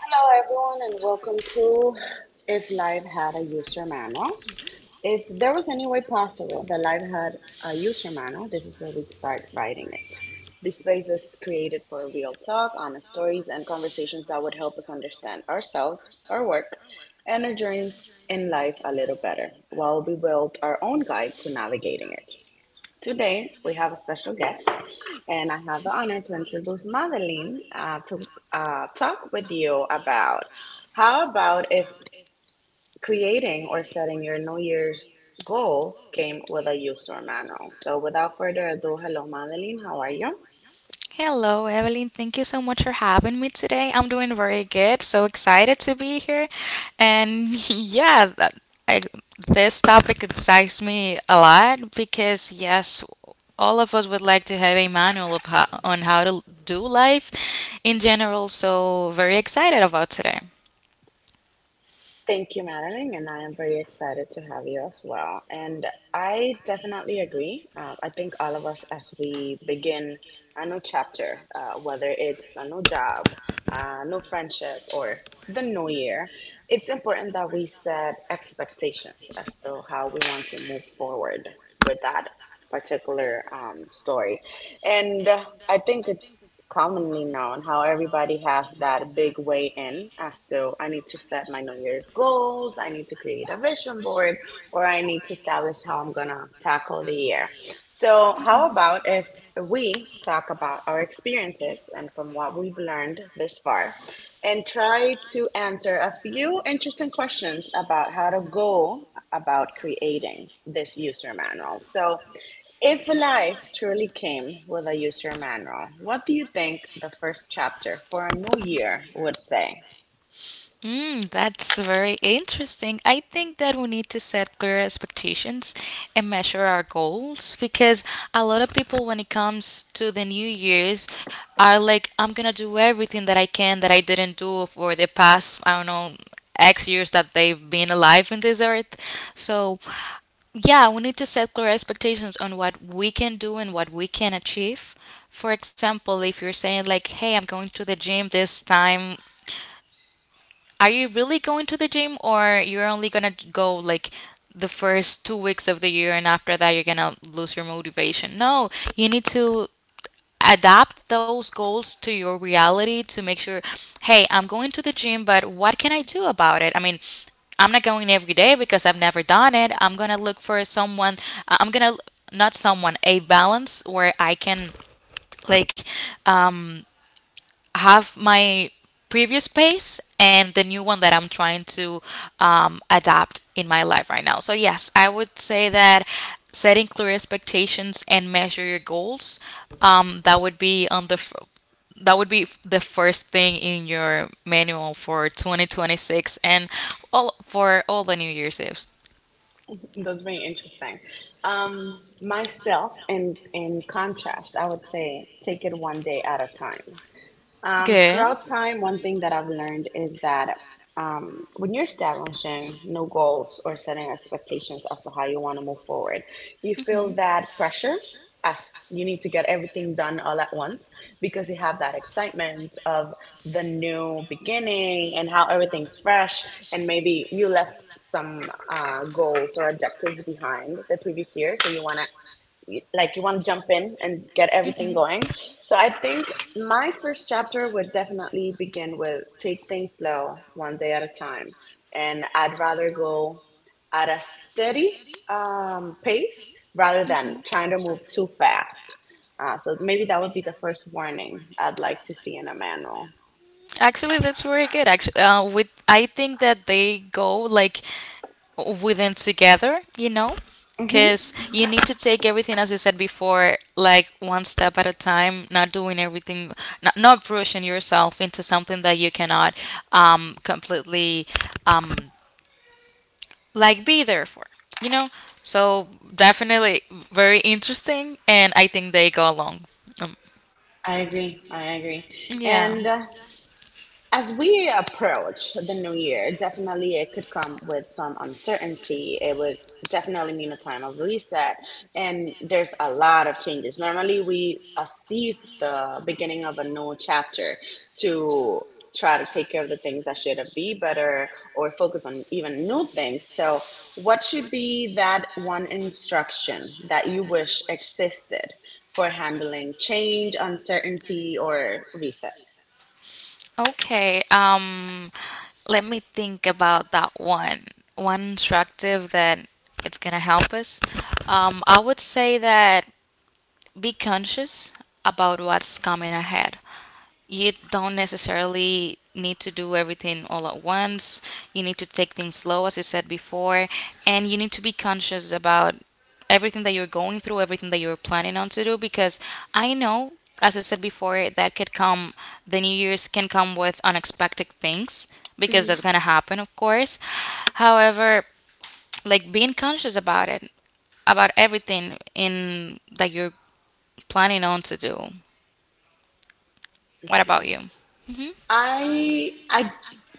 Hello, everyone, and welcome to If Life Had a User Manual. If there was any way possible that life had a user manual, this is where we'd start writing it. This space is created for real talk, honest stories, and conversations that would help us understand ourselves, our work, and our journeys in life a little better while we build our own guide to navigating it. Today, we have a special guest, and I have the honor to introduce Madeline to talk with you about how about if creating or setting your New Year's goals came with a user manual. So, without further ado, hello, Madeline. How are you? Hello, Evelyn. Thank you so much for having me today. I'm doing very good. So excited to be here. And I, this topic excites me a lot because, yes, all of us would like to have a manual of on how to do life in general. So very excited about today. Thank you, Madeline, and I am very excited to have you as well. And I definitely agree. I think all of us, as we begin a new chapter, whether it's a new job, a new friendship, or the new year, it's important that we set expectations as to how we want to move forward with that particular story, and I think it's commonly known how everybody has that big way in as to I need to set my New Year's goals, I need to create a vision board, or I need to establish how I'm going to tackle the year. So, how about if we talk about our experiences and from what we've learned this far, and try to answer a few interesting questions about how to go about creating this user manual? So, if life truly came with a user manual, what do you think the first chapter for a new year would say? That's very interesting. I think that we need to set clear expectations and measure our goals because a lot of people, when it comes to the New Year's, are like, I'm gonna do everything that I can that I didn't do for the past, I don't know, X years that they've been alive in this earth. So, yeah, we need to set clear expectations on what we can do and what we can achieve. For example, if you're saying, like, hey, I'm going to the gym this time, are you really going to the gym, or you're only gonna go like the first 2 weeks of the year and after that you're gonna lose your motivation? No, you need to adapt those goals to your reality to make sure, hey, I'm going to the gym, but what can I do about it? I mean, I'm not going every day because I've never done it. I'm gonna look for uh, I'm gonna, not someone, a balance where I can, like, um, have my previous pace and the new one that I'm trying to adapt in my life right now. So, yes, I would say that setting clear expectations and measure your goals, that would be on that would be the first thing in your manual for 2026 and all for all the new year's Eves. That's very interesting. Myself, in contrast, I would say take it one day at a time. Good. Throughout time, one thing that I've learned is that when you're establishing new goals or setting expectations as to how you want to move forward, you feel that pressure as you need to get everything done all at once because you have that excitement of the new beginning and how everything's fresh, and maybe you left some goals or objectives behind the previous year, so you want to, like, you want to jump in and get everything going. So I think my first chapter would definitely begin with take things slow, one day at a time, and I'd rather go at a steady pace rather than trying to move too fast. So maybe that would be the first warning I'd like to see in a manual. Actually, that's very good. Actually, with I think that they go like within together, you know? hmm Because you need to take everything, as I said before, like one step at a time, not doing everything, not pushing yourself into something that you cannot, completely, um, like, be there for, you know? So definitely very interesting, and I think they go along. Um, I I agree. agree. I I agree. agree. Yeah. And As we approach the new year, definitely it could come with some uncertainty. It would definitely mean a time of reset, and there's a lot of changes. Normally, we seize the beginning of a new chapter to try to take care of the things that should have be better or focus on even new things. So, what should be that one instruction that you wish existed for handling change, uncertainty, or resets? Okay. Let me think about that one. One instructive that it's gonna help us. I would say that be conscious about what's coming ahead. You don't necessarily need to do everything all at once. You need to take things slow, as you said before, and you need to be conscious about everything that you're going through, everything that you're planning on to do, because I know. As I said before, that could come, the New Year's can come with unexpected things, because that's Mhm. going to happen, of course. However, like, being conscious about it, about everything in that you're planning on to do. What about Okay. you? I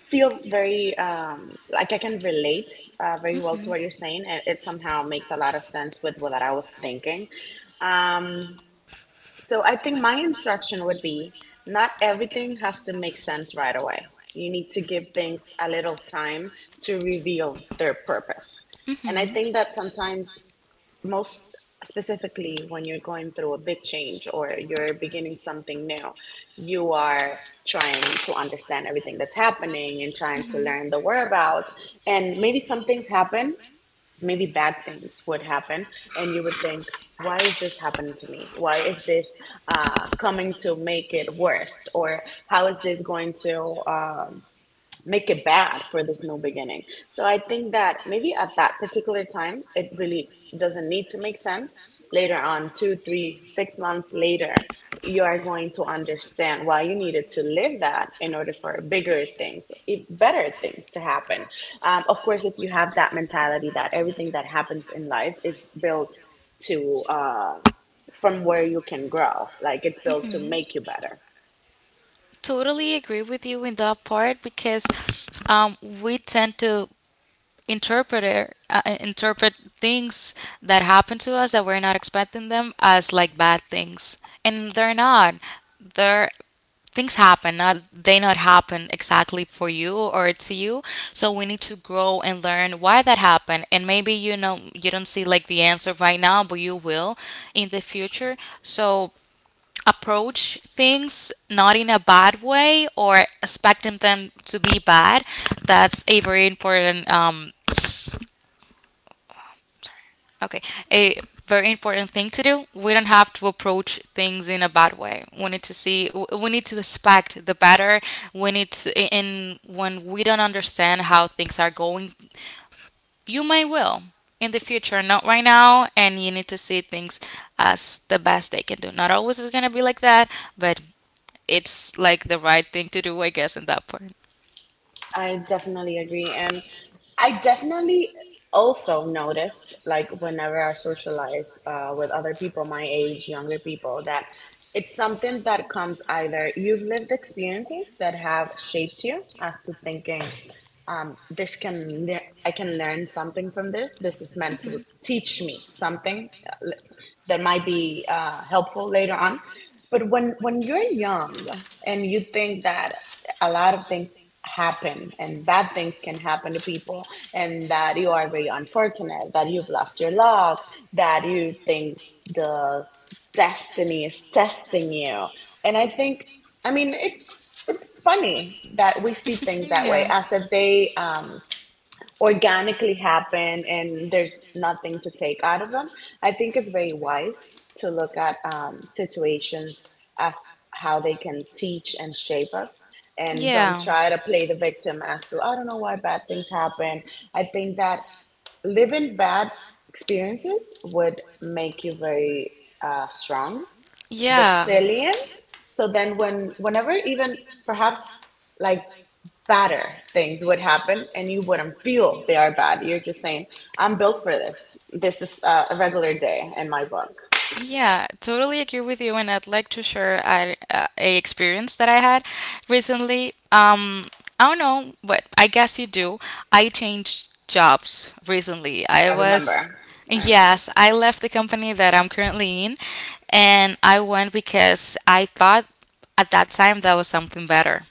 feel very like I can relate very well to what you're saying, and it somehow makes a lot of sense with what I was thinking. Um, so I think my instruction would be not everything has to make sense right away. You need to give things a little time to reveal their purpose. And I think that sometimes, most specifically when you're going through a big change or you're beginning something new, you are trying to understand everything that's happening and trying to learn the whereabouts. And maybe some things happen, maybe bad things would happen, and you would think, why is this happening to me? Why is this coming to make it worse? Or how is this going to make it bad for this new beginning? So I think that maybe at that particular time, it really doesn't need to make sense. Later on, two, three, 6 months later, you are going to understand why you needed to live that in order for bigger things, better things to happen. Of course, if you have that mentality that everything that happens in life is built to from where you can grow, like it's built to make you better. Totally agree with you in that part because, we tend to interpret things that happen to us that we're not expecting them as like bad things, and they're not. They're things happen, not they not happen exactly for you or to you, so we need to grow and learn why that happened, and maybe, you know, you don't see like the answer right now, but you will in the future. So approach things not in a bad way or expecting them to be bad. That's a very important okay a very important thing to do. We don't have to approach things in a bad way. We need to we need to expect the better. We need to, in when we don't understand how things are going, you may will in the future, not right now, and you need to see things as the best they can do. Not always is going to be like that, but it's like the right thing to do, I guess, in that part. I definitely agree. And I definitely also noticed, like, whenever I socialize with other people my age, younger people, that it's something that comes either you've lived experiences that have shaped you as to thinking this can I can learn something from this. This is meant to teach me something that might be helpful later on. But when you're young and you think that a lot of things happen and bad things can happen to people, and that you are very unfortunate that you've lost your luck, that you Hmm. think the destiny is testing you. And I think, I mean, it's funny that we see things that way, Yeah. as if they organically happen and there's nothing to take out of them. I think it's very wise to look at situations as how they can teach and shape us. And don't Yeah, try to play the victim as to, I don't know why bad things happen. I think that living bad experiences would make you very strong, yeah, resilient. So then when whenever even perhaps, like, badder things would happen and you wouldn't feel they are bad. You're just saying, I'm built for this. This is a regular day in my book. yeah, totally agree with you. And I'd like to share a experience that I had recently. I don't know, but I guess you do. I changed jobs recently. I I was, remember. I remember. yes, I left the company that I'm currently in, and I went because I thought at that time that was something better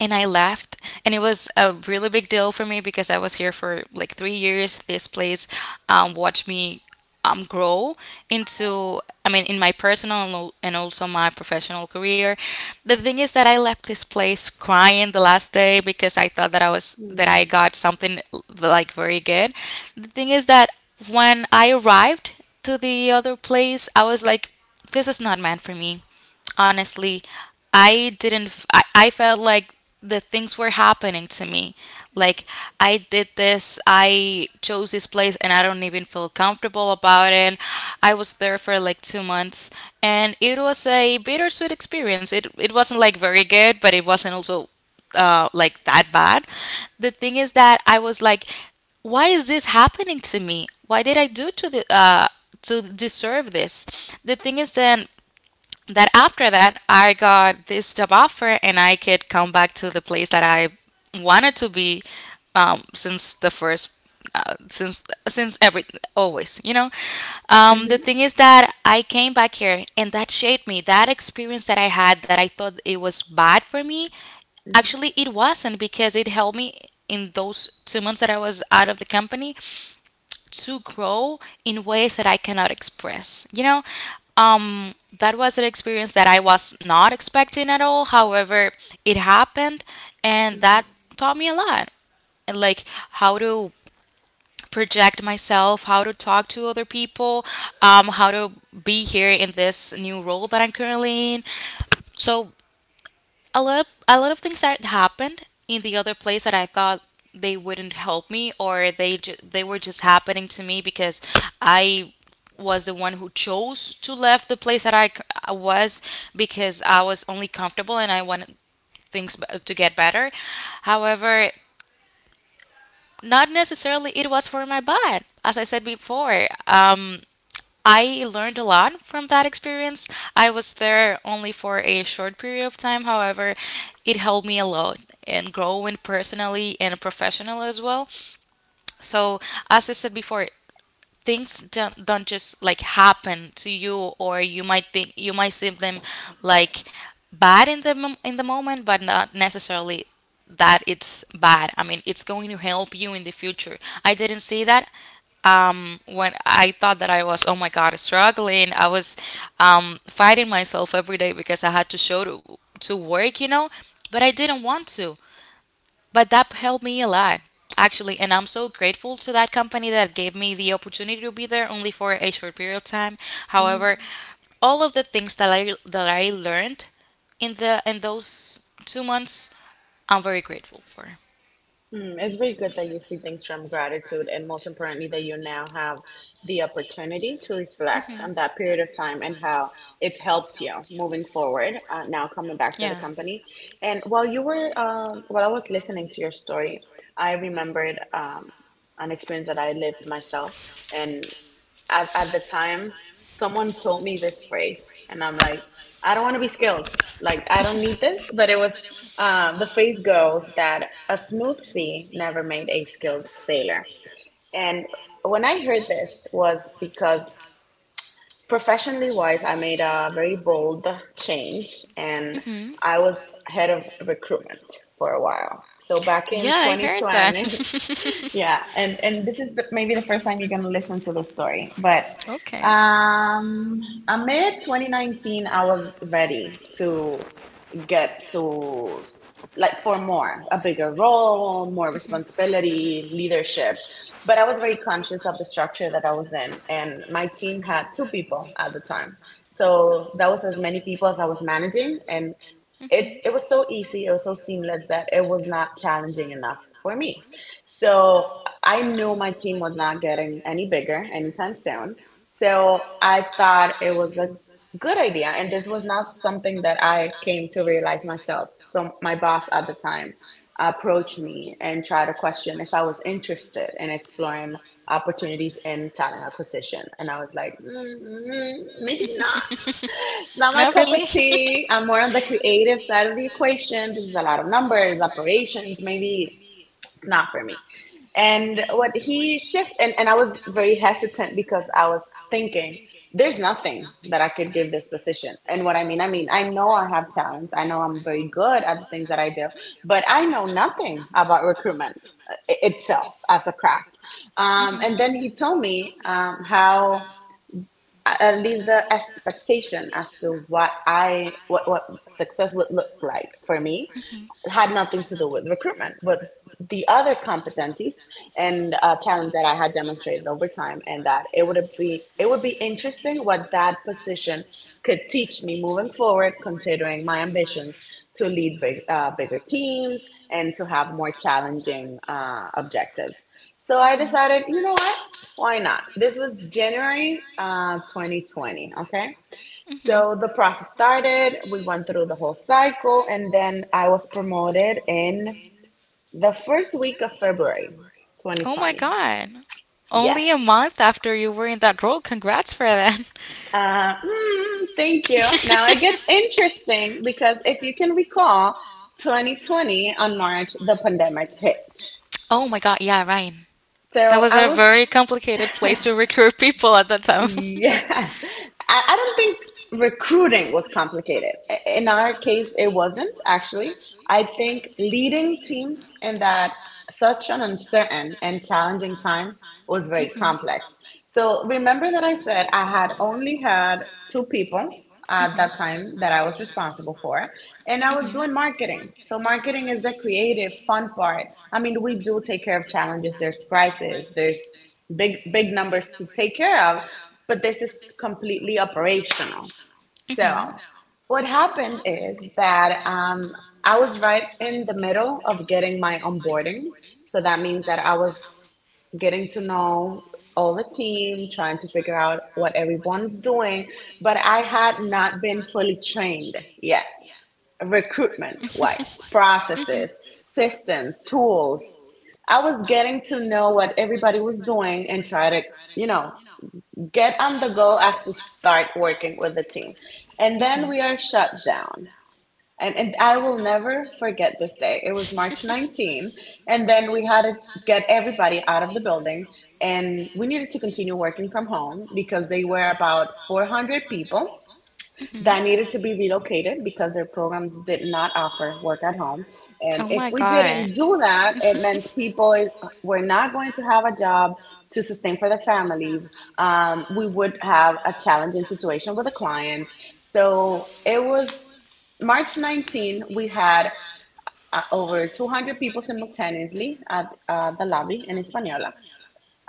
and I left. And it was a really big deal for me because I was here for like 3 years. This place, watched me, grow into, I mean, in my personal and also my professional career. The thing is that I left this place crying the last day because I thought that I was, that I Mm-hmm. got something like very good. The thing is that when I arrived to the other place, I was like, this is not meant for me, honestly. I didn't f- I felt like the things were happening to me, like, I did this, I chose this place and I don't even feel comfortable about it. I was there for like 2 months, and it was a bittersweet experience. It wasn't like very good, but it wasn't also, like, that bad. The thing is that I was like, why is this happening to me? Why did I do to the to deserve this? The thing is then that after that I got this job offer and I could come back to the place that I wanted to be since the first since every, always, you know. The thing Mm-hmm. is that I came back here and that shaped me, that experience that I had that I thought it was bad for me, actually it wasn't, because it helped me in those 2 months that I was out of the company to grow in ways that I cannot express. You know, um, that was an experience that I was not expecting at all. However, it happened, and that taught me a lot and, like, how to project myself, how to talk to other people, how to be here in this new role that I'm currently in. So a lot of things that happened in the other place that I thought they wouldn't help me, or they were just happening to me because I was the one who chose to left the place that I c- I was because I was only comfortable and I wanted to get better. However, not necessarily it was for my bad. As I said before, I learned a lot from that experience. I was there only for a short period of time, however, it helped me a lot in growing personally and professionally as well. So, as I said before, things don't just like happen to you, or you might think, you might see them like bad in in the moment, but not necessarily that it's bad. I mean, it's going to help you in the future. I didn't see that, when I thought that I was, oh my God, struggling. I was, fighting myself every day because I had to show to work, you know, but I didn't want to. But that helped me a lot, actually. And I'm so grateful to that company that gave me the opportunity to be there only for a short period of time. Mm-hmm. However, all of the things that I learned in the in those 2 months, I'm very grateful for. Mm, it's very good that you see things from gratitude, and most importantly, that you now have the opportunity to reflect on that period of time and how it's helped you moving forward. Now coming back to the company, and while you were while I was listening to your story, I remembered an experience that I lived myself, and at the time someone told me this phrase, and I'm like, I don't want to be skilled, like I don't need this. But it was, the phrase goes that a smooth sea never made a skilled sailor. And when I heard this, was because professionally wise I made a very bold change. And I was head of recruitment for a while, so back in I that. 2020. That. And Yeah, and this is the, maybe the first time you're going to listen to the story, but okay. um amid 2019 I was ready to get to, like, for more, a bigger role, more responsibility, leadership. But I was very conscious of the structure that I was in, and my team had two people at the time, so that was as many people as I was managing. And it was so easy, it was so seamless that it was not challenging enough for me. So I knew my team was not getting any bigger anytime soon. So I thought it was a good idea. And this was not something that I came to realize myself. So my boss at the time approached me and tried to question if I was interested in exploring opportunities in talent acquisition. And I was like, mm, maybe not. It's not my Not cup of really? tea. I'm more on the creative side of the equation. This is a lot of numbers, operations, maybe it's not for me. And what he shift, and I was very hesitant because I was thinking, there's nothing that I could give this position. And what I mean, I mean, I know I have talents. I know I'm very good at the things that I do, but I know nothing about recruitment itself as a craft. And then he told me how at least the expectation as to what I, what success would look like for me had nothing to do with recruitment, but the other competencies and talent that I had demonstrated over time, and that it would be interesting what that position could teach me moving forward, considering my ambitions to lead big, bigger teams and to have more challenging objectives. So I decided, you know what? Why not? This was January 2020. Okay, so the process started, we went through the whole cycle, and then I was promoted in the first week of February Oh my 2020. God. Yes. Only a month after you were in that role. Congrats for that. Thank you. Now it gets interesting because if you can recall, 2020 on March, the pandemic hit. Oh my God. Yeah, right. That So was I a very was. complicated place to recruit people at that time. Yes. I don't think recruiting was complicated. In our case, it wasn't, actually. I think leading teams in that, such an uncertain and challenging time, was very complex. So remember that I said I had only had two people at that time that I was responsible for. And I was doing marketing. So marketing is the creative, fun part. I mean, we do take care of challenges. There's crisis. There's big numbers to take care of, but this is completely operational. So what happened is that I was right in the middle of getting my onboarding, so that means that I was getting to know all the team, trying to figure out what everyone's doing. But I had not been fully trained yet, recruitment wise, processes, systems, tools. I was getting to know what everybody was doing and try to, you know, get on the go as to start working with the team. And then we are shut down. And I will never forget this day. It was March 19. And then we had to get everybody out of the building. And we needed to continue working from home because they were about 400 people that needed to be relocated because their programs did not offer work at home. And Oh my if we God. didn't do that, it meant people were not going to have a job to sustain for their families. We would have a challenging situation with the clients. So it was March 19, we had over 200 people simultaneously at the lobby in Hispaniola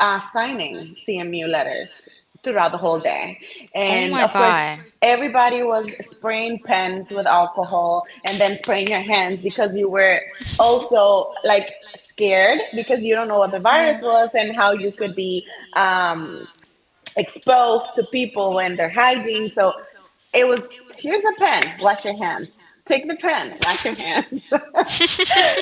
signing CMU letters throughout the whole day. Oh And my. of course, everybody was spraying pens with alcohol and then spraying your hands because you were also like scared because you don't know what the virus was and how you could be um, exposed to people when they're hiding. So it was, here's a pen, wash your hands. Take the pen, wash your hands.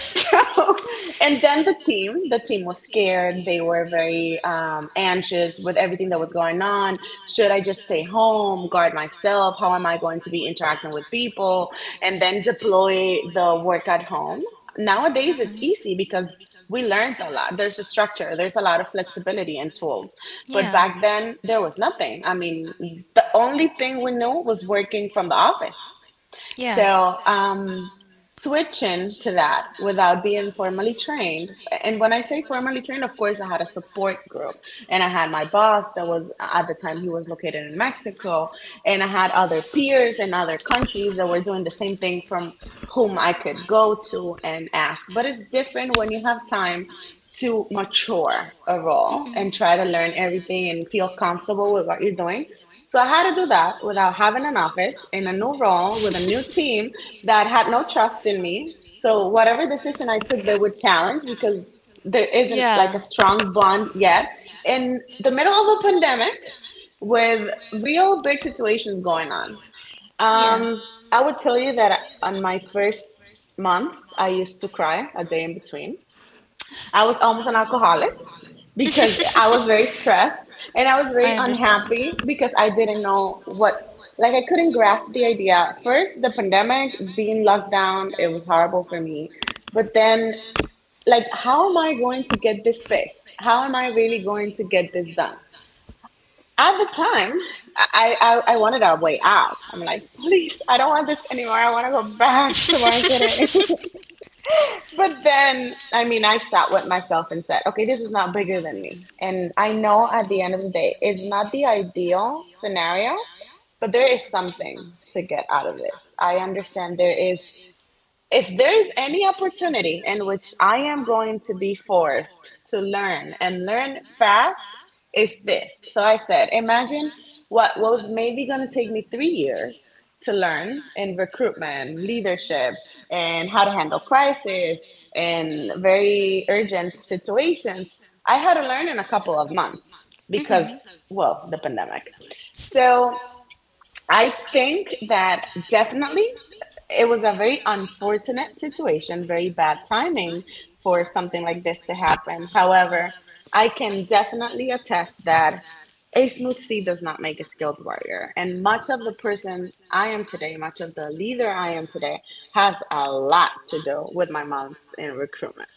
So, and then the team was scared. They were very anxious with everything that was going on. Should I just stay home, guard myself? How am I going to be interacting with people? And then deploy the work at home. Nowadays, it's easy because we learned a lot. There's a structure, there's a lot of flexibility and tools. But Yeah. back then, there was nothing. I mean, the only thing we knew was working from the office. Yeah. So, switching to that without being formally trained. And when I say formally trained, of course, I had a support group, and I had my boss that was at the time he was located in Mexico, and I had other peers in other countries that were doing the same thing from whom I could go to and ask. But it's different when you have time to mature a role and try to learn everything and feel comfortable with what you're doing. So I had to do that without having an office in a new role with a new team that had no trust in me. So whatever decision I took, they would challenge because there isn't like a Yeah. strong bond yet. In the middle of a pandemic with real big situations going on, Yeah. um, I would tell you that on my first month, I used to cry a day in between. I was almost an alcoholic because I was very stressed and I was very I understand. unhappy because I didn't know what, like, I couldn't grasp the idea. First, the pandemic, being locked down, it was horrible for me. But then, like, how am I going to get this fixed? How am I really going to get this done? At the time, I wanted a way out. I'm like, please, I don't want this anymore. I want to go back to marketing. But then, I mean, I sat with myself and said, okay, this is not bigger than me. And I know at the end of the day, it's not the ideal scenario, but there is something to get out of this. I understand there is, if there's any opportunity in which I am going to be forced to learn and learn fast, is this. So I said, imagine what was maybe going to take me 3 years to learn in recruitment, leadership, and how to handle crisis and very urgent situations. I had to learn in a couple of months because, well, the pandemic. So I think that definitely it was a very unfortunate situation, very bad timing for something like this to happen. However, I can definitely attest that a smooth sea does not make a skilled warrior. And much of the person I am today, much of the leader I am today, has a lot to do with my months in recruitment.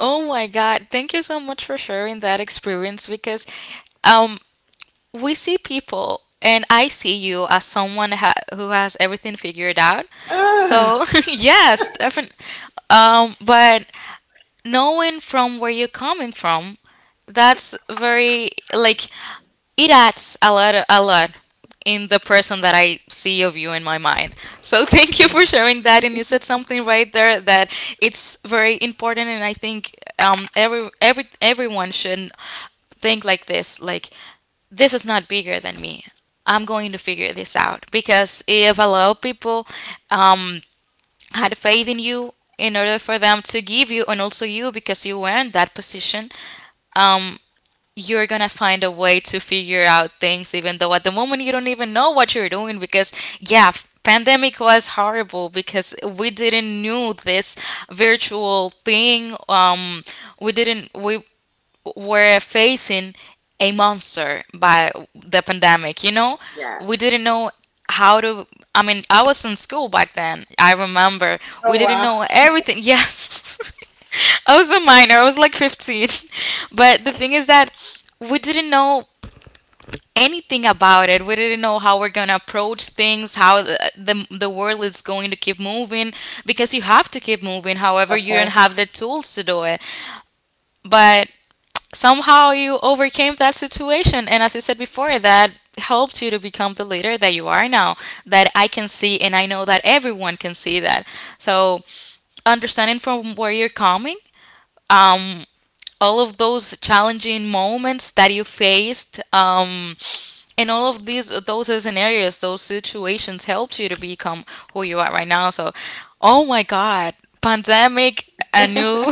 Oh my God. Thank you so much for sharing that experience, because, um we see people, and I see you as someone ha who has everything figured out. Ah, So, yes, definitely. But knowing from where you're coming from, that's very, like, it adds a lot in the person that I see of you in my mind. So thank you for mm, sharing that. And you said something right there that it's very important, and I think everyone should think like this, like, this is not bigger than me. I'm going to figure this out, because if a lot of people, um had faith in you in order for them to give you, and also you, because you were in that position, um you're gonna find a way to figure out things even though at the moment you don't even know what you're doing. Because yeah, pandemic was horrible because we didn't knew this virtual thing. Um we didn't we were facing a monster by the pandemic, you know? We yes. didn't know how to. I mean, I was in school back then. I remember we Oh, didn't wow. know everything. Yes. I was a minor. I was like 15. But the thing is that we didn't know anything about it. We didn't know how we're going to approach things, how the world is going to keep moving because you have to keep moving. However, The you don't first, have the tools to do it. But somehow you overcame that situation, and as I said before, that helped you to become the leader that you are now, that I can see, and I know that everyone can see that. So understanding from where you're coming, um all of those challenging moments that you faced, and all of these those scenarios those situations helped you to become who you are right now. So, oh my god, pandemic, a new,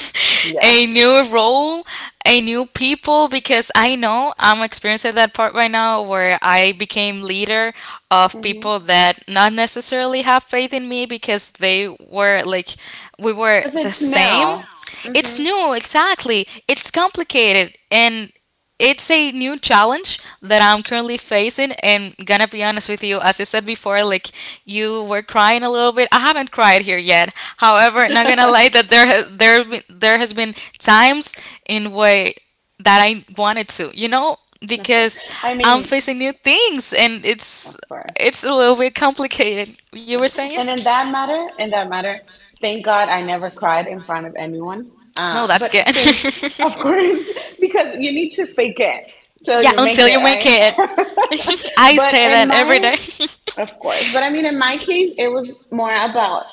a yes. new role, a new people, because I know I'm experiencing that part right now, where I became leader of Because people mm-hmm, that not necessarily have faith in me because they were like we were the it's same. now. It's Hmm. new, exactly. It's complicated, and it's a new challenge that I'm currently facing, and gonna be honest with you, as I said before, like you were crying a little bit. I haven't cried here yet. However, not gonna lie that there has been times in way that I wanted to, Of course. because I I'm mean, facing new things, and of it's course. it's a little bit complicated. You were saying? And in that matter, thank God I never cried in front of anyone. No, that's But good. since, of course, because you need to fake it till Yeah, you make until you it, make right? it. I But say in that every my, day. of course, but I mean, in my case, it was more about,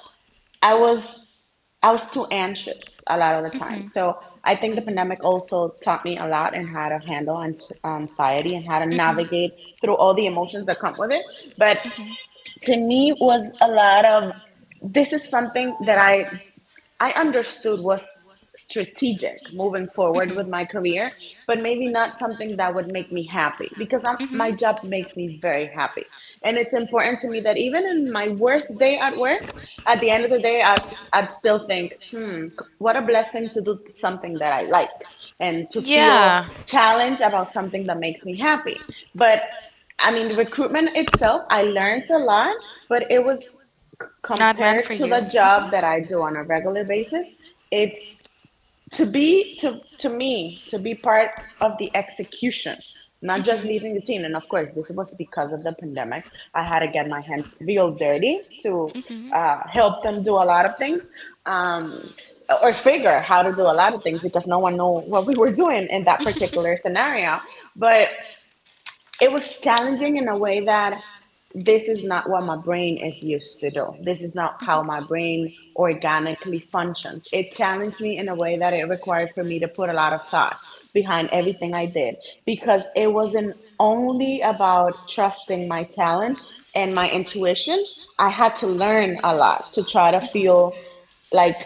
I was I was too anxious a lot of the time. So I think the pandemic also taught me a lot in how to handle anxiety and how to navigate through all the emotions that come with it. But to me was a lot of, this is something that I understood was strategic moving forward with my career, but maybe not something that would make me happy because I'm, my job makes me very happy. And it's important to me that even in my worst day at work, at the end of the day, I'd still think, hmm, what a blessing to do something that I like and to feel Yeah, challenged about something that makes me happy. But I mean, recruitment itself, I learned a lot, but it was, not meant for compared to you. the Mhm. job that I do on a regular basis, it's to be to me to be part of the execution, not just leading the team. And of course, this was because of the pandemic. I had to get my hands real dirty to help them do a lot of things, um, or figure how to do a lot of things because no one knew what we were doing in that particular scenario. But it was challenging in a way that this is not what my brain is used to do. This is not how my brain organically functions. It challenged me in a way that it required for me to put a lot of thought behind everything I did, because it wasn't only about trusting my talent and my intuition. I had to learn a lot to try to feel like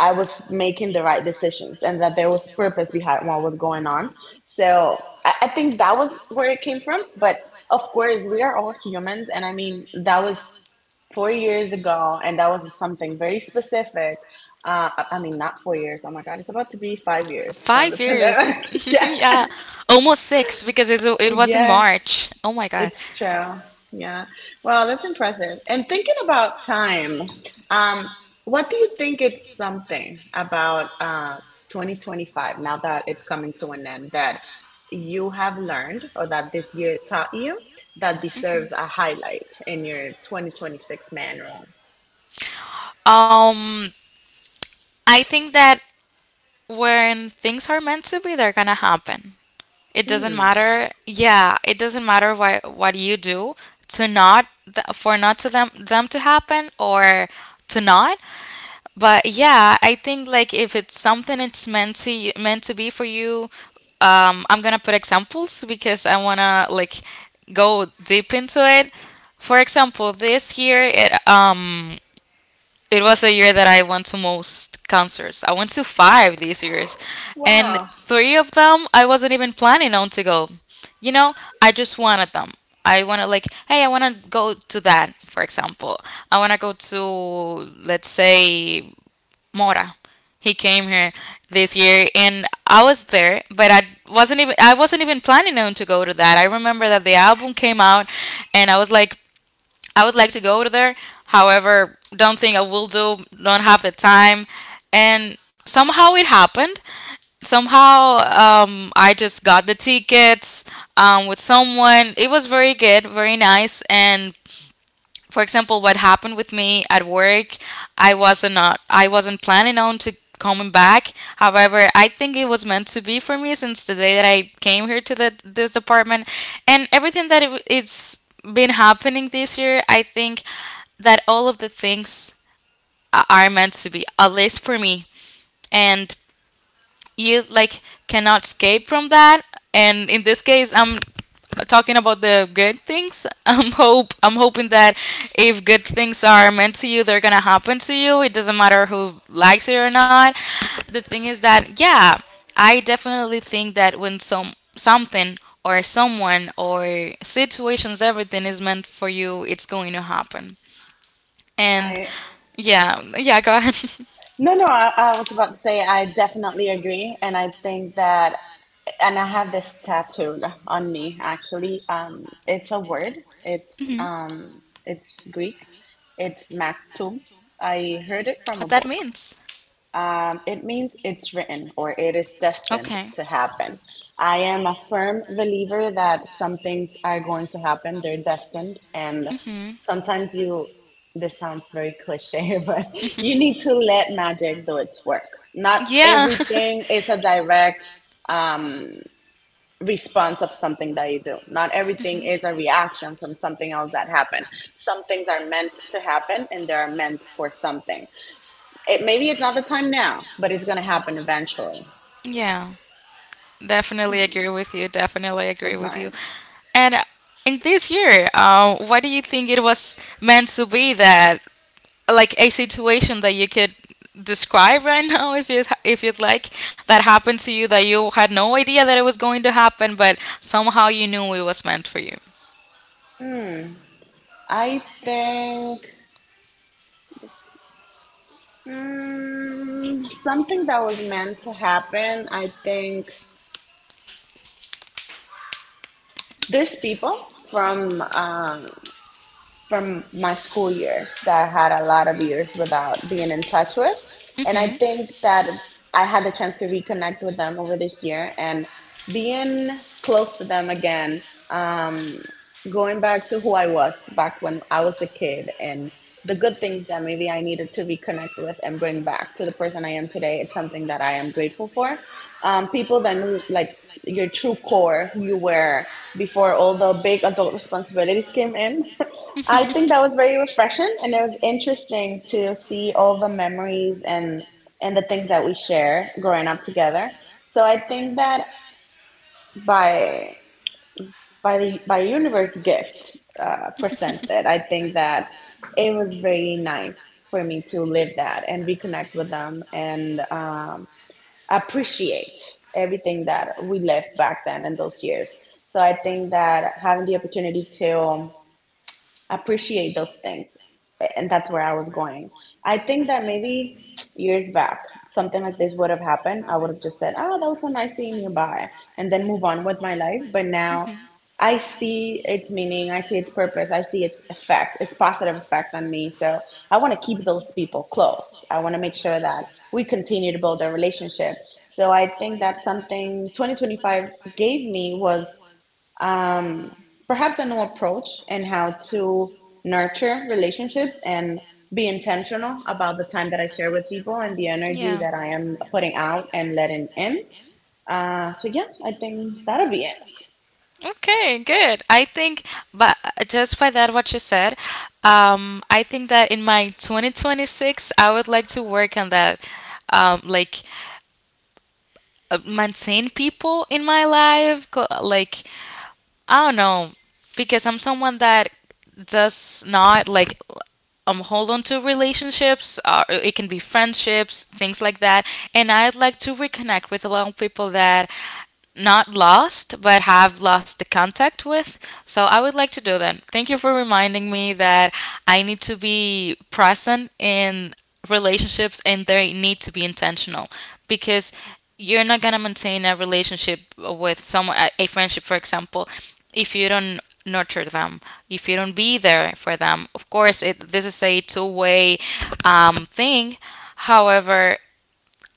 I was making the right decisions and that there was purpose behind what was going on. So I think that was where it came from. But of course, we are all humans. And I mean, that was 4 years ago, and that was something very specific. I mean, not 4 years. Oh my God, it's about to be 5 years from Five the years. pandemic. Yeah. Yeah, almost six, because it's, Oh, it was in yes. March. Oh my God. It's true. Yeah. Well, that's impressive. And thinking about time, um, what do you think it's something about 2025 now that it's coming to an end that you have learned or that this year taught you that deserves a highlight in your 2026 manual? Um, I think that when things are meant to be, they're gonna happen. It doesn't Hmm. matter. Yeah, it doesn't matter what you do to not for not to them to happen or to not. But yeah, I think like if it's something, it's meant to you, meant to be for you, I'm gonna put examples because I wanna like go deep into it. For example, this year it was a year that I went to most concerts. I went to five these years, and Wow. three of them I wasn't even planning on to go. You know, I just wanted them. I wanted like, hey, I want to go to that, for example. I want to go to, let's say, Mora. He came here this year, and I was there, but I wasn't even planning on to go to that. I remember that the album came out, and I was like I would like to go there. However, don't think I will do, don't have the time. And somehow it happened. Somehow, I just got the tickets, with someone. It was very good, very nice. And for example, what happened with me at work, I wasn't planning on to coming back. However, I think it was meant to be for me since the day that I came here to the this department, and everything that it's been happening this year. I think that all of the things are meant to be, at least for me. And you like cannot escape from that. And in this case, I'm talking about the good things. I'm hoping that if good things are meant to you, they're gonna happen to you. It doesn't matter who likes it or not. The thing is that, yeah, I definitely think that when something or someone or situations, everything is meant for you, it's going to happen. And I yeah, yeah, go ahead. no, no, I, was about to say I definitely agree. And I think that, and I have this tattooed on me actually. It's a word. It's Greek. It's maktum. I heard it from a What that book. means? It means it's written or it is destined Okay. to happen. I am a firm believer that some things are going to happen. They're destined, and sometimes you. This sounds very cliche, but you need to let magic do its work. Not Yeah. everything is a direct. Um, Response of something that you do. Not everything is a reaction from something else that happened. Some things are meant to happen and they are meant for something. It maybe it's not the time now, but it's going to happen eventually. Yeah. Definitely agree Hmm, with you. Definitely agree that's with you. nice. And in this year, why do you think it was meant to be that, like a situation that you could describe right now, if you'd like, that happened to you that you had no idea that it was going to happen, but somehow you knew it was meant for you? I think, mm, something that was meant to happen, I think there's people from my school years that I had a lot of years without being in touch with. And I think that I had the chance to reconnect with them over this year and being close to them again, um, going back to who I was back when I was a kid and the good things that maybe I needed to reconnect with and bring back to the person I am today. It's something that I am grateful for. People that knew like your true core, who you were before all the big adult responsibilities came in. I think that was very refreshing and it was interesting to see all the memories and the things that we share growing up together. So I think that by by the by universe gift presented. I think that it was very nice for me to live that and reconnect with them and appreciate everything that we lived back then in those years. So I think that having the opportunity to appreciate those things. And that's where I was going. I think that maybe years back, something like this would have happened. I would have just said, "Oh, that was so nice seeing you. Bye." And then move on with my life. But now I see its meaning, I see its purpose, I see its effect, its positive effect on me. So I want to keep those people close. I want to make sure that we continue to build a relationship. So I think that's something 2025 gave me was um, perhaps a new approach in how to nurture relationships and be intentional about the time that I share with people and the energy Yeah. that I am putting out and letting in. So, yeah, I think that'll be it. Okay, good. I think, but just by that, what you said, I think that in my 2026, I would like to work on that, like maintain people in my life, like I don't know, because I'm someone that does not like hold on to relationships. It can be friendships, things like that, and I'd like to reconnect with a lot of people that not lost but have lost the contact with. So I would like to do that. Thank you for reminding me that I need to be present in relationships, and they need to be intentional, because you're not going to maintain a relationship with someone, a friendship for example, if you don't nurture them, if you don't be there for them. Of course, this is a two-way thing. However,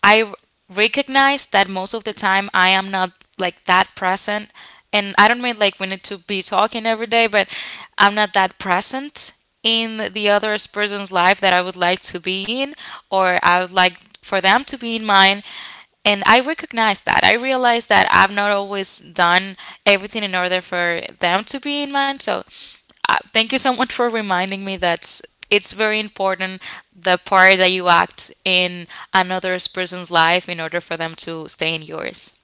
I recognize that most of the time I am not like that present. And I don't mean like we need to be talking every day, but I'm not that present in the other person's life that I would like to be in, or I would like for them to be in mine. And I recognize that. I realize that I've not always done everything in order for them to be in mine. So thank you so much for reminding me that's it's very important, the part that you act in another person's life in order for them to stay in yours.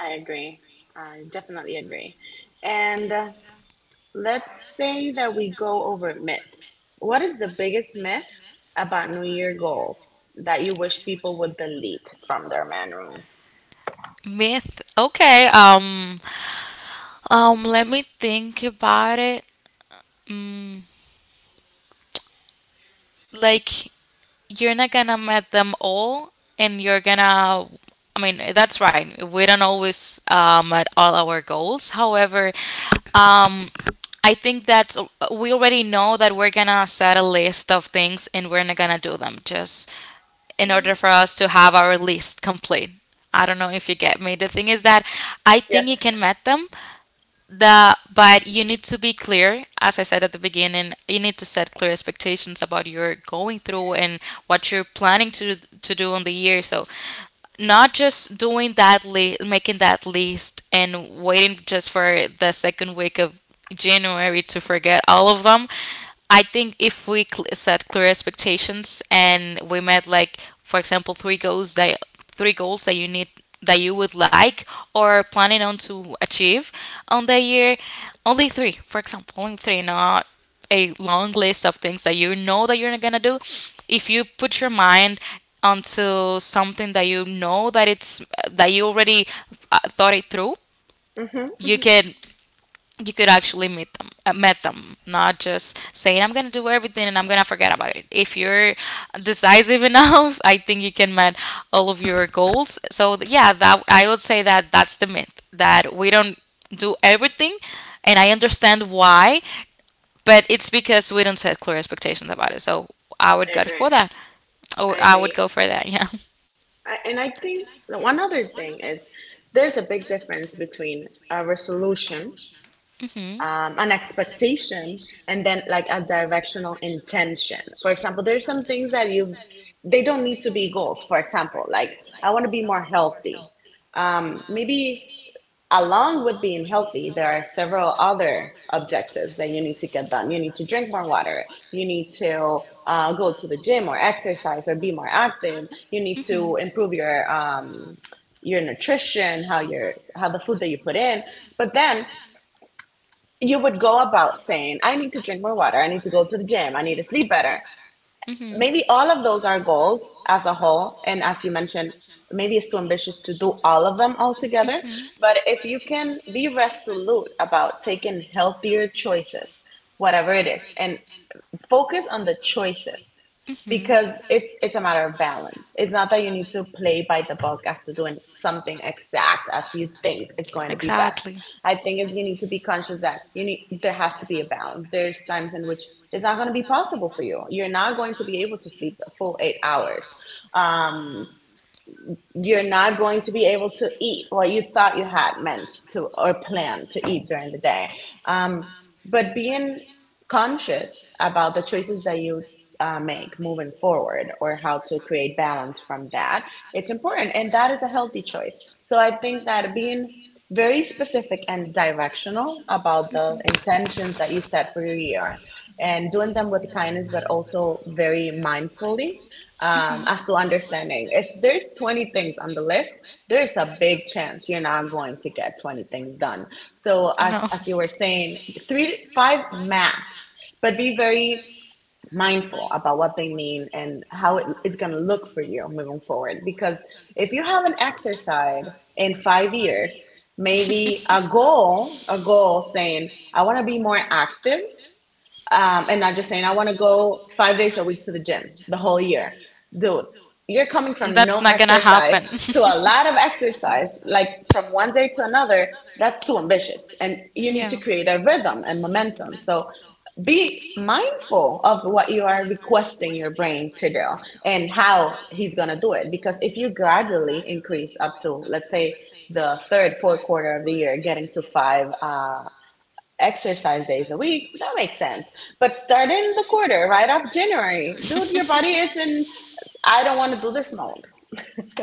I agree. I definitely agree. And let's say that we go over myths. What is the biggest myth about New Year goals that you wish people would delete from their man room? Myth. Okay. Let me think about it. Mm, like, you're not gonna meet them all, and you're gonna. I mean, that's right. We don't always meet all our goals. However, um, I think that we already know that we're gonna set a list of things, and we're not gonna do them. Just in order for us to have our list complete. I don't know if you get me. The thing is that I think you Yes. can met them, the but you need to be clear. As I said at the beginning, you need to set clear expectations about your going through and what you're planning to do on the year. So not just doing that list, making that list, and waiting just for the second week of January to forget all of them. I think if we set clear expectations and we met, like, for example, three goals that you need, that you would like or planning on to achieve on the year, only three, for example, only three, not a long list of things that you know that you're gonna do. If you put your mind onto something that you know that it's that you already thought it through, Mm-hmm, you mm-hmm. can you could actually meet them met them, not just saying I'm gonna do everything and I'm gonna forget about it. If you're decisive enough, I think you can met all of your goals. So yeah, that I would say that's the myth, that we don't do everything, and I understand why, but it's because we don't set clear expectations about it. So I would I go for agree. that. Oh, I I would go agree. for that, yeah. And I think one other thing is there's a big difference between a resolution, an expectation, and then like a directional intention. For example, there's some things that you. They don't need to be goals. For example, like I want to be more healthy. Maybe along with being healthy, there are several other objectives that you need to get done. You need to drink more water. You need to go to the gym or exercise or be more active. You need to improve your nutrition, how the food that you put in. But then you would go about saying, "I need to drink more water. I need to go to the gym. I need to sleep better." Maybe all of those are goals as a whole. And as you mentioned, maybe it's too ambitious to do all of them all together. But if you can be resolute about taking healthier choices, whatever it is, and focus on the choices, because it's a matter of balance. It's not that you need to play by the book as to doing something exact as you think it's going to be best. I think it's you need to be conscious that you need. There has to be a balance. There's times in which it's not going to be possible for you. You're not going to be able to sleep a full 8 hours. Um, you're not going to be able to eat what you thought you had meant to or planned to eat during the day. Um, but being conscious about the choices that you make moving forward, or how to create balance from that, it's important. And that is a healthy choice. So I think that being very specific and directional about the intentions that you set for your year, and doing them with kindness, but also very mindfully as to understanding. If there's 20 things on the list, there's a big chance you're not going to get 20 things done. So as you were saying, three, five max, but be very mindful about what they mean and how it's going to look for you moving forward. Because if you haven't exercised in 5 years, maybe a goal saying, I want to be more active, and not just saying I want to go 5 days a week to the gym the whole year, dude. You're coming from no Committed. exercise to a lot of exercise, like from one day to another. That's too ambitious, and you need to create a rhythm and momentum. So be mindful of what you are requesting your brain to do and how he's going to do it. Because if you gradually increase up to, let's say, the third, fourth quarter of the year, getting to five exercise days a week. That makes sense. But start in the quarter, right off January. Dude, your body is in, I don't want to do this mode.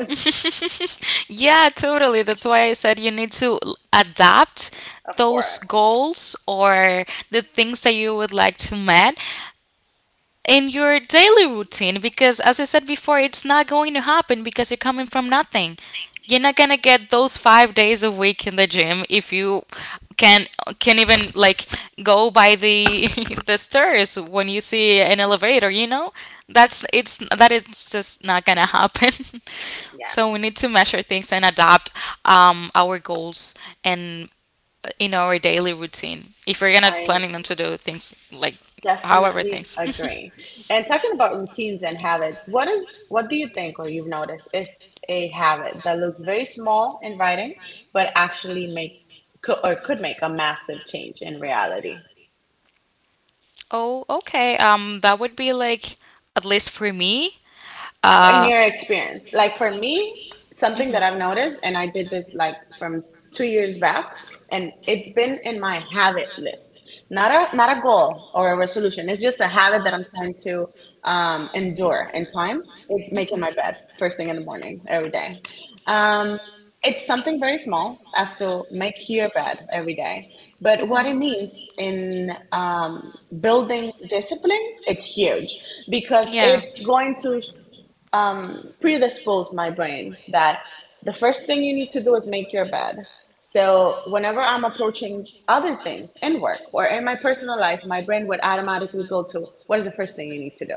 Yeah, totally. That's why I said you need to adapt Of those course. goals or the things that you would like to met in your daily routine, because as I said before, it's not going to happen because you're coming from nothing. You're not going to get those 5 days a week in the gym if you can can even like go by the the stairs when you see an elevator, you know, that is just not going to happen. Yeah, So we need to measure things and adapt, our goals, and in our daily routine, if we're going to I planning them to do things, like however definitely things. agree. And talking about routines and habits, what do you think or you've noticed is a habit that looks very small in writing but actually makes or could make a massive change in reality? Oh, okay. That would be like, at least for me. In Uh, your experience, like for me, something that I've noticed, and I did this like from 2 years back, and it's been in my habit list, not a goal or a resolution, it's just a habit that I'm trying to endure in time. It's making my bed first thing in the morning every day. um, it's something very small as to make your bed every day, but what it means in building discipline, it's huge, because yeah. it's going to predispose my brain that the first thing you need to do is make your bed. So whenever I'm approaching other things in work or in my personal life, my brain would automatically go to what is the first thing you need to do?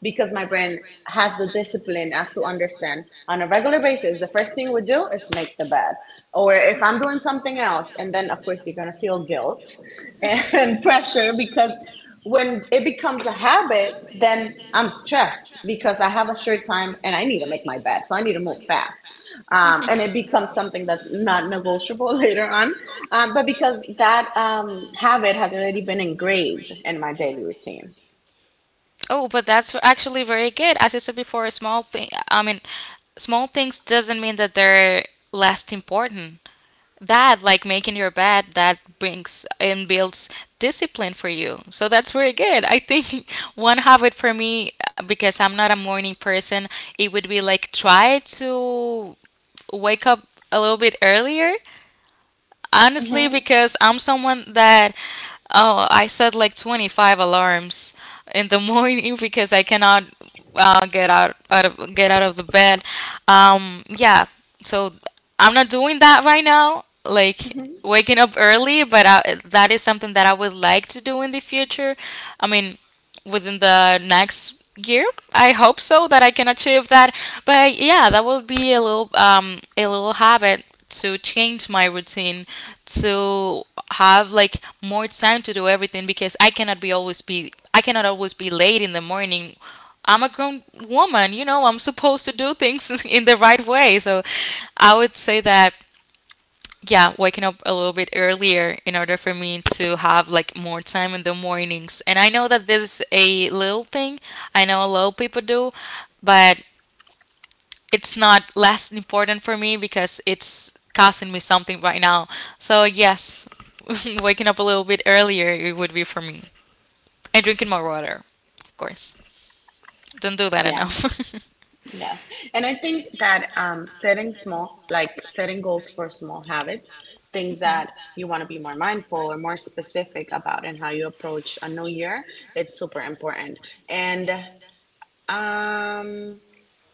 Because my brain has the discipline as to understand on a regular basis the first thing we do is make the bed. Or if I'm doing something else, and then of course you're going to feel guilt and pressure, because when it becomes a habit, then I'm stressed because I have a short time and I need to make my bed, so I need to move fast. And it becomes something that's not negotiable later on. But because that habit has already been engraved in my daily routine. Oh, but that's actually very good. As I said before, a small thing. I mean, small things doesn't mean that they're less important. That, like making your bed, that brings and builds discipline for you. So that's very good. I think, one habit for me, because I'm not a morning person, it would be like, try to wake up a little bit earlier. Honestly, Hmm. because I'm someone that, oh, I set like 25 alarms in the morning because I cannot get out of the bed. Yeah, so I'm not doing that right now. Like Hmm. waking up early, but that is something that I would like to do in the future. I mean, within the next year. I hope so that I can achieve that. But yeah, that will be a little habit to change my routine, to have like more time to do everything, because I cannot always be late in the morning. I'm a grown woman, you know, I'm supposed to do things in the right way. So I would say that yeah, waking up a little bit earlier in order for me to have like more time in the mornings. And I know that this is a little thing. I know a lot of people do, but it's not less important for me because it's costing me something right now. So yes, waking up a little bit earlier it would be for me. And drinking more water, of course. Don't do that Yeah. enough. Yes. And I think that setting small, like setting goals for small habits, things that you want to be more mindful or more specific about and how you approach a new year, it's super important. And um,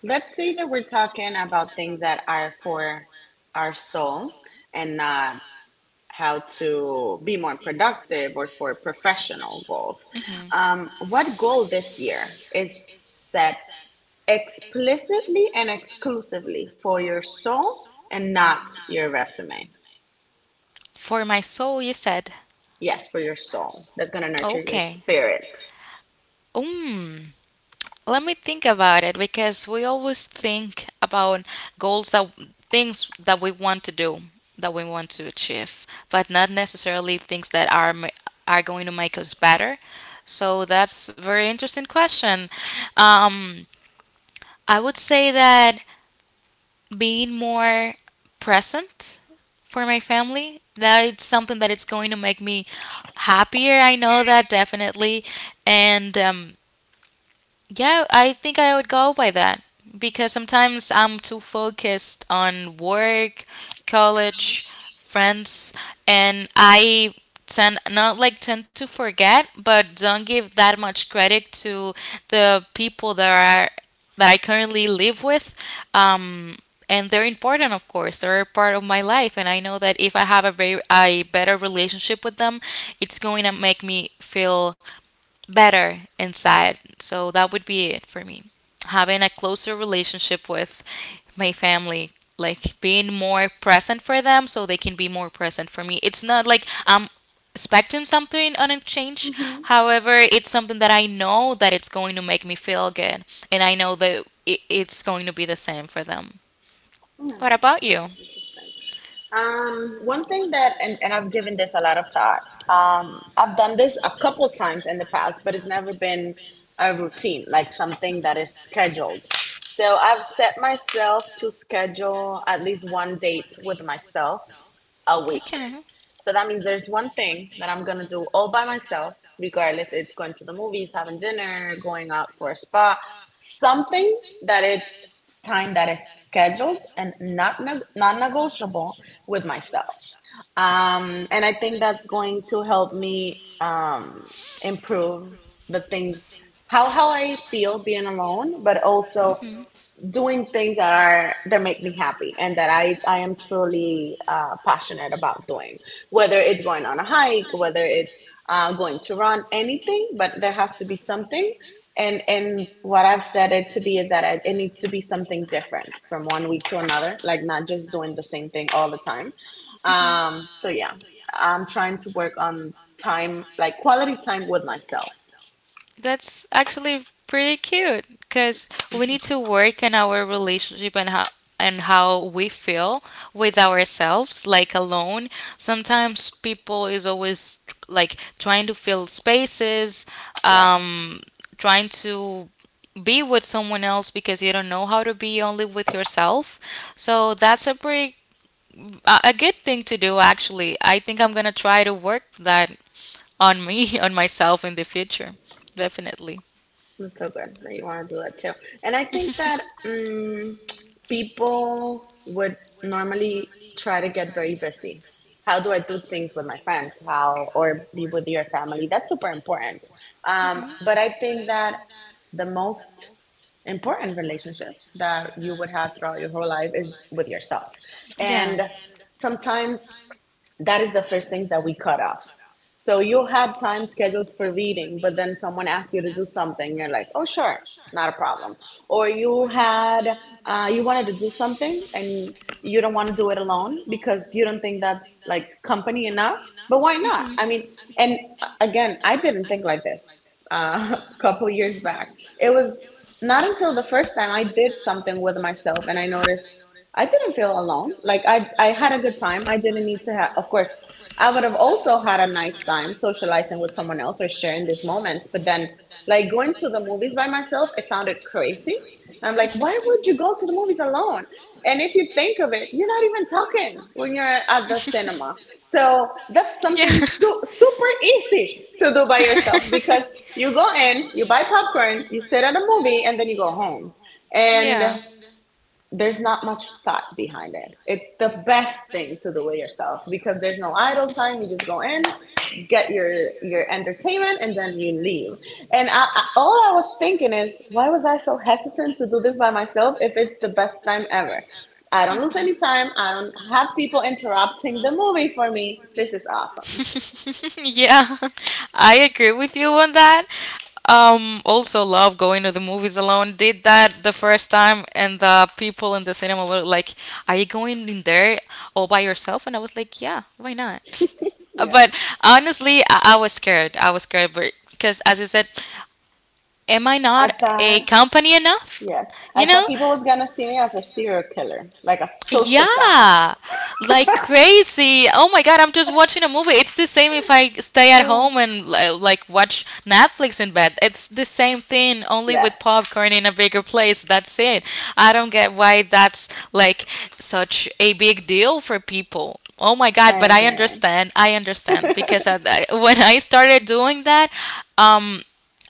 let's say that we're talking about things that are for our soul and not how to be more productive or for professional goals. Mhm. What goal this year is set explicitly and exclusively for your soul and not your resume. For my soul, you said. Yes, for your soul. That's going to nurture your Okay. spirit. Mm, let me think about it because we always think about goals that things that we want to do, that we want to achieve, but not necessarily things that are are going to make us better. So that's a very interesting question. Um, I would say that being more present for my family that it's something that it's going to make me happier. I know that definitely. And yeah, I think I would go by that because sometimes I'm too focused on work, college, friends, and I tend not like tend to forget, but don't give that much credit to the people that are that I currently live with. Um, and they're important, of course. They're a part of my life, and I know that if I have a very a better relationship with them, it's going to make me feel better inside. So that would be it for me. Having a closer relationship with my family, like being more present for them so they can be more present for me. It's not like I'm expecting something on a change. Mhm. However, it's something that I know that it's going to make me feel good. And I know that it's going to be the same for them. Mm. What about That's you? interesting. One thing that, and I've given this a lot of thought, I've done this a couple times in the past, but it's never been a routine, like something that is scheduled. So I've set myself to schedule at least one date with myself a week. Okay. So that means there's one thing that I'm gonna do all by myself, regardless. It's going to the movies, having dinner, going out for a spa, something that it's time that is scheduled and not neg- non negotiable with myself. And I think that's going to help me improve the things. How I feel being alone, but also doing things that are that make me happy and that I am truly passionate about doing, whether it's going on a hike, whether it's going to run, anything, but there has to be something. And what I've said it to be is that needs to be something different from one week to another, like not just doing the same thing all the time. So yeah, I'm trying to work on time, like quality time with myself. That's actually pretty cute because we need to work on our relationship and how we feel with ourselves like alone. Sometimes people is always like trying to fill spaces, Yes. um trying to be with someone else because you don't know how to be only with yourself. So that's a pretty a good thing to do actually. I think I'm gonna try to work that on me on myself in the future, definitely. That's so good that you want to do that too. And I think that people would normally try to get very busy. How do I do things with my friends? How, or be with your family? That's super important. But I think that the most important relationship that you would have throughout your whole life is with yourself. And sometimes that is the first thing that we cut off. So you had time scheduled for reading, but then someone asked you to do something. You're like, oh, sure, not a problem. Or you had, you wanted to do something and you don't want to do it alone because you don't think that's like company enough. But why not? I mean, and again, I didn't think like this a couple of years back. It was not until the first time I did something with myself and I noticed I didn't feel alone. Like I had a good time. I didn't need to have, of course, I would have also had a nice time socializing with someone else or sharing these moments. But then, like going to the movies by myself, it sounded crazy. And I'm like, why would you go to the movies alone? And if you think of it, you're not even talking when you're at the cinema. So that's Yeah. something super easy to do by yourself because you go in, you buy popcorn, you sit at a movie, and then you go home. And Yeah. there's not much thought behind it. It's the best thing to do it yourself because there's no idle time. You just go in, get your entertainment, and then you leave. And all I was thinking is, why was I so hesitant to do this by myself if it's the best time ever? I don't lose any time. I don't have people interrupting the movie for me. This is awesome. Yeah. I agree with you on that. Also love going to the movies alone. Did that the first time and the people in the cinema were like, "Are you going in there all by yourself?" And I was like, "Yeah, why not?" But Yes, honestly, I was scared. I was scared but because as I said, am I I not a thought. company enough? Yes, I You thought know? people was gonna see me as a serial killer, like a sociopath. Yeah, like crazy. Oh my god, I'm just watching a movie. It's the same if I stay at Yeah. home and like watch Netflix in bed. It's the same thing, only with Yes, popcorn in a bigger place. That's it. I don't get why that's like such a big deal for people. Oh my god, I but I agree. understand. I understand because when I started doing that, um,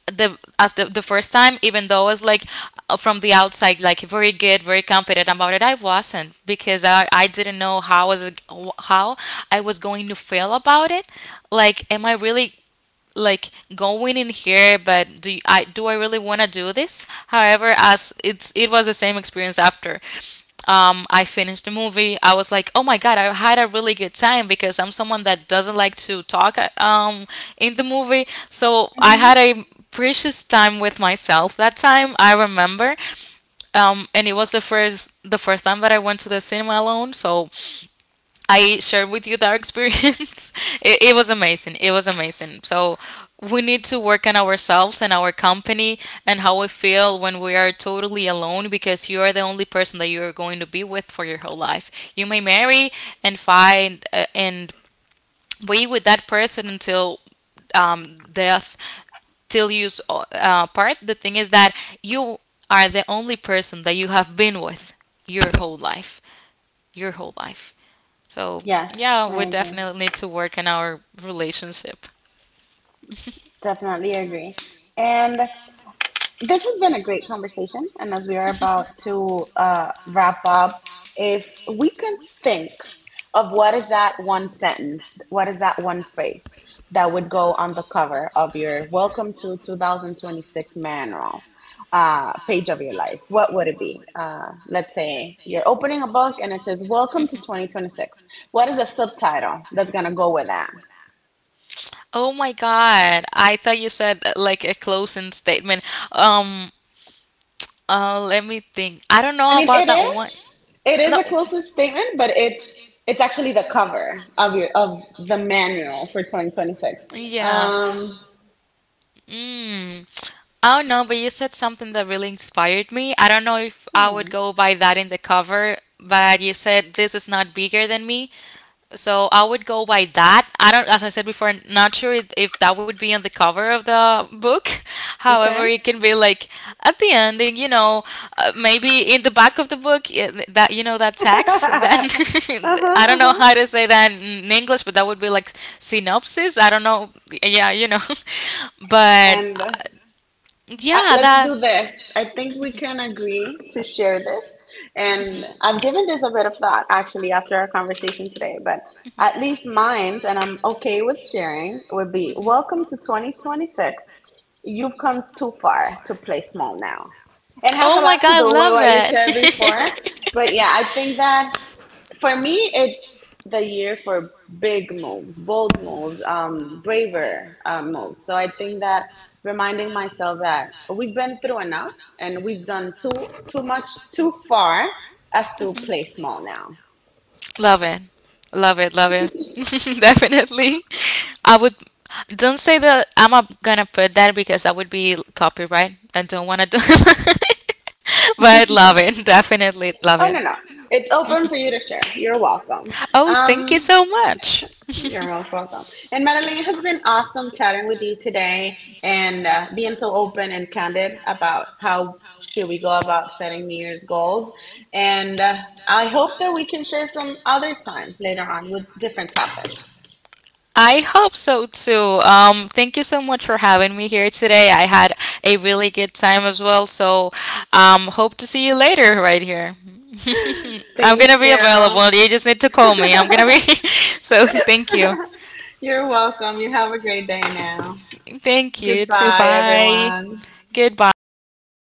the the first time even though I was like from the outside like very good, very confident about it, I wasn't because I didn't know how was it, how I was going to feel about it, like am I really like going in here, but do you- I do I really want to do this. However, as it's it was the same experience after I finished the movie. I was like, oh my god, I had a really good time because I'm someone that doesn't like to talk in the movie. So I had Hmm. a precious time with myself that time. I remember, and it was the first time that I went to the cinema alone. So I shared with you that experience. It was amazing. It was amazing. So we need to work on ourselves and our company and how we feel when we are totally alone because you are the only person that you're going to be with for your whole life. You may marry and find and be with that person until death till you part. The thing is that you are the only person that you have been with your whole life. Your whole life. So, Yes, yeah, I we agree. definitely need to work on our relationship. Definitely agree. And this has been a great conversation. And as we are about to wrap up, if we can think of what is that one sentence, what is that one phrase that would go on the cover of your Welcome to 2026 manual page of your life, what would it be? Let's say you're opening a book and it says Welcome to 2026. What is a subtitle that's going to go with that? Oh my God. I thought you said like a closing statement. Um, let me think. I don't I know mean, about it that one. is. It is No. a closest statement, but it's actually the cover of your of the manual for 2026. Yeah. Um, Mm. I don't know, but you said something that really inspired me. I don't know if I would hmm, go by that in the cover, but you said this is not bigger than me. So I would go by that. I don't, as I said before, I'm not sure if that would be on the cover of the book. However, okay. it can be like at the ending, you know, maybe in the back of the book, yeah, that you know that text. Then Uh huh. I don't Uh know huh. how to say that in English, but that would be like synopsis. I don't know. Yeah, you know, but. And Yeah, let's that. do this. I think we can agree to share this. And I've given this a bit of thought actually after our conversation today, but at least mine's, and I'm okay with sharing, would be Welcome to 2026, you've come too far to play small now. It has a Oh my lot to god, I do with love what you that. said before. But yeah, Right? I think that for me, it's the year for big moves, bold moves, braver moves. So I think that reminding myself that we've been through enough and we've done too much too far as to play small now. Love it. Love it. Love it. Definitely. I would don't say that I'm not gonna put that because that would be copyright. I don't wanna do it. But love it. Definitely love Oh it. no no, it's open for you to share. You're welcome. Oh, thank you Um, so much. You're most welcome. And Madeline, it has been awesome chatting with you today and being so open and candid about how should we go about setting New Year's goals. And I hope that we can share some other time later on with different topics. I hope so too. Thank you so much for having me here today. I had a really good time as well. So, hope to see you later right here. I'm Thank gonna be you. available. You just need to call me. I'm gonna be. So, thank you. You're welcome. You have a great day now. Thank you too. Goodbye, Bye. everyone. Goodbye, everyone.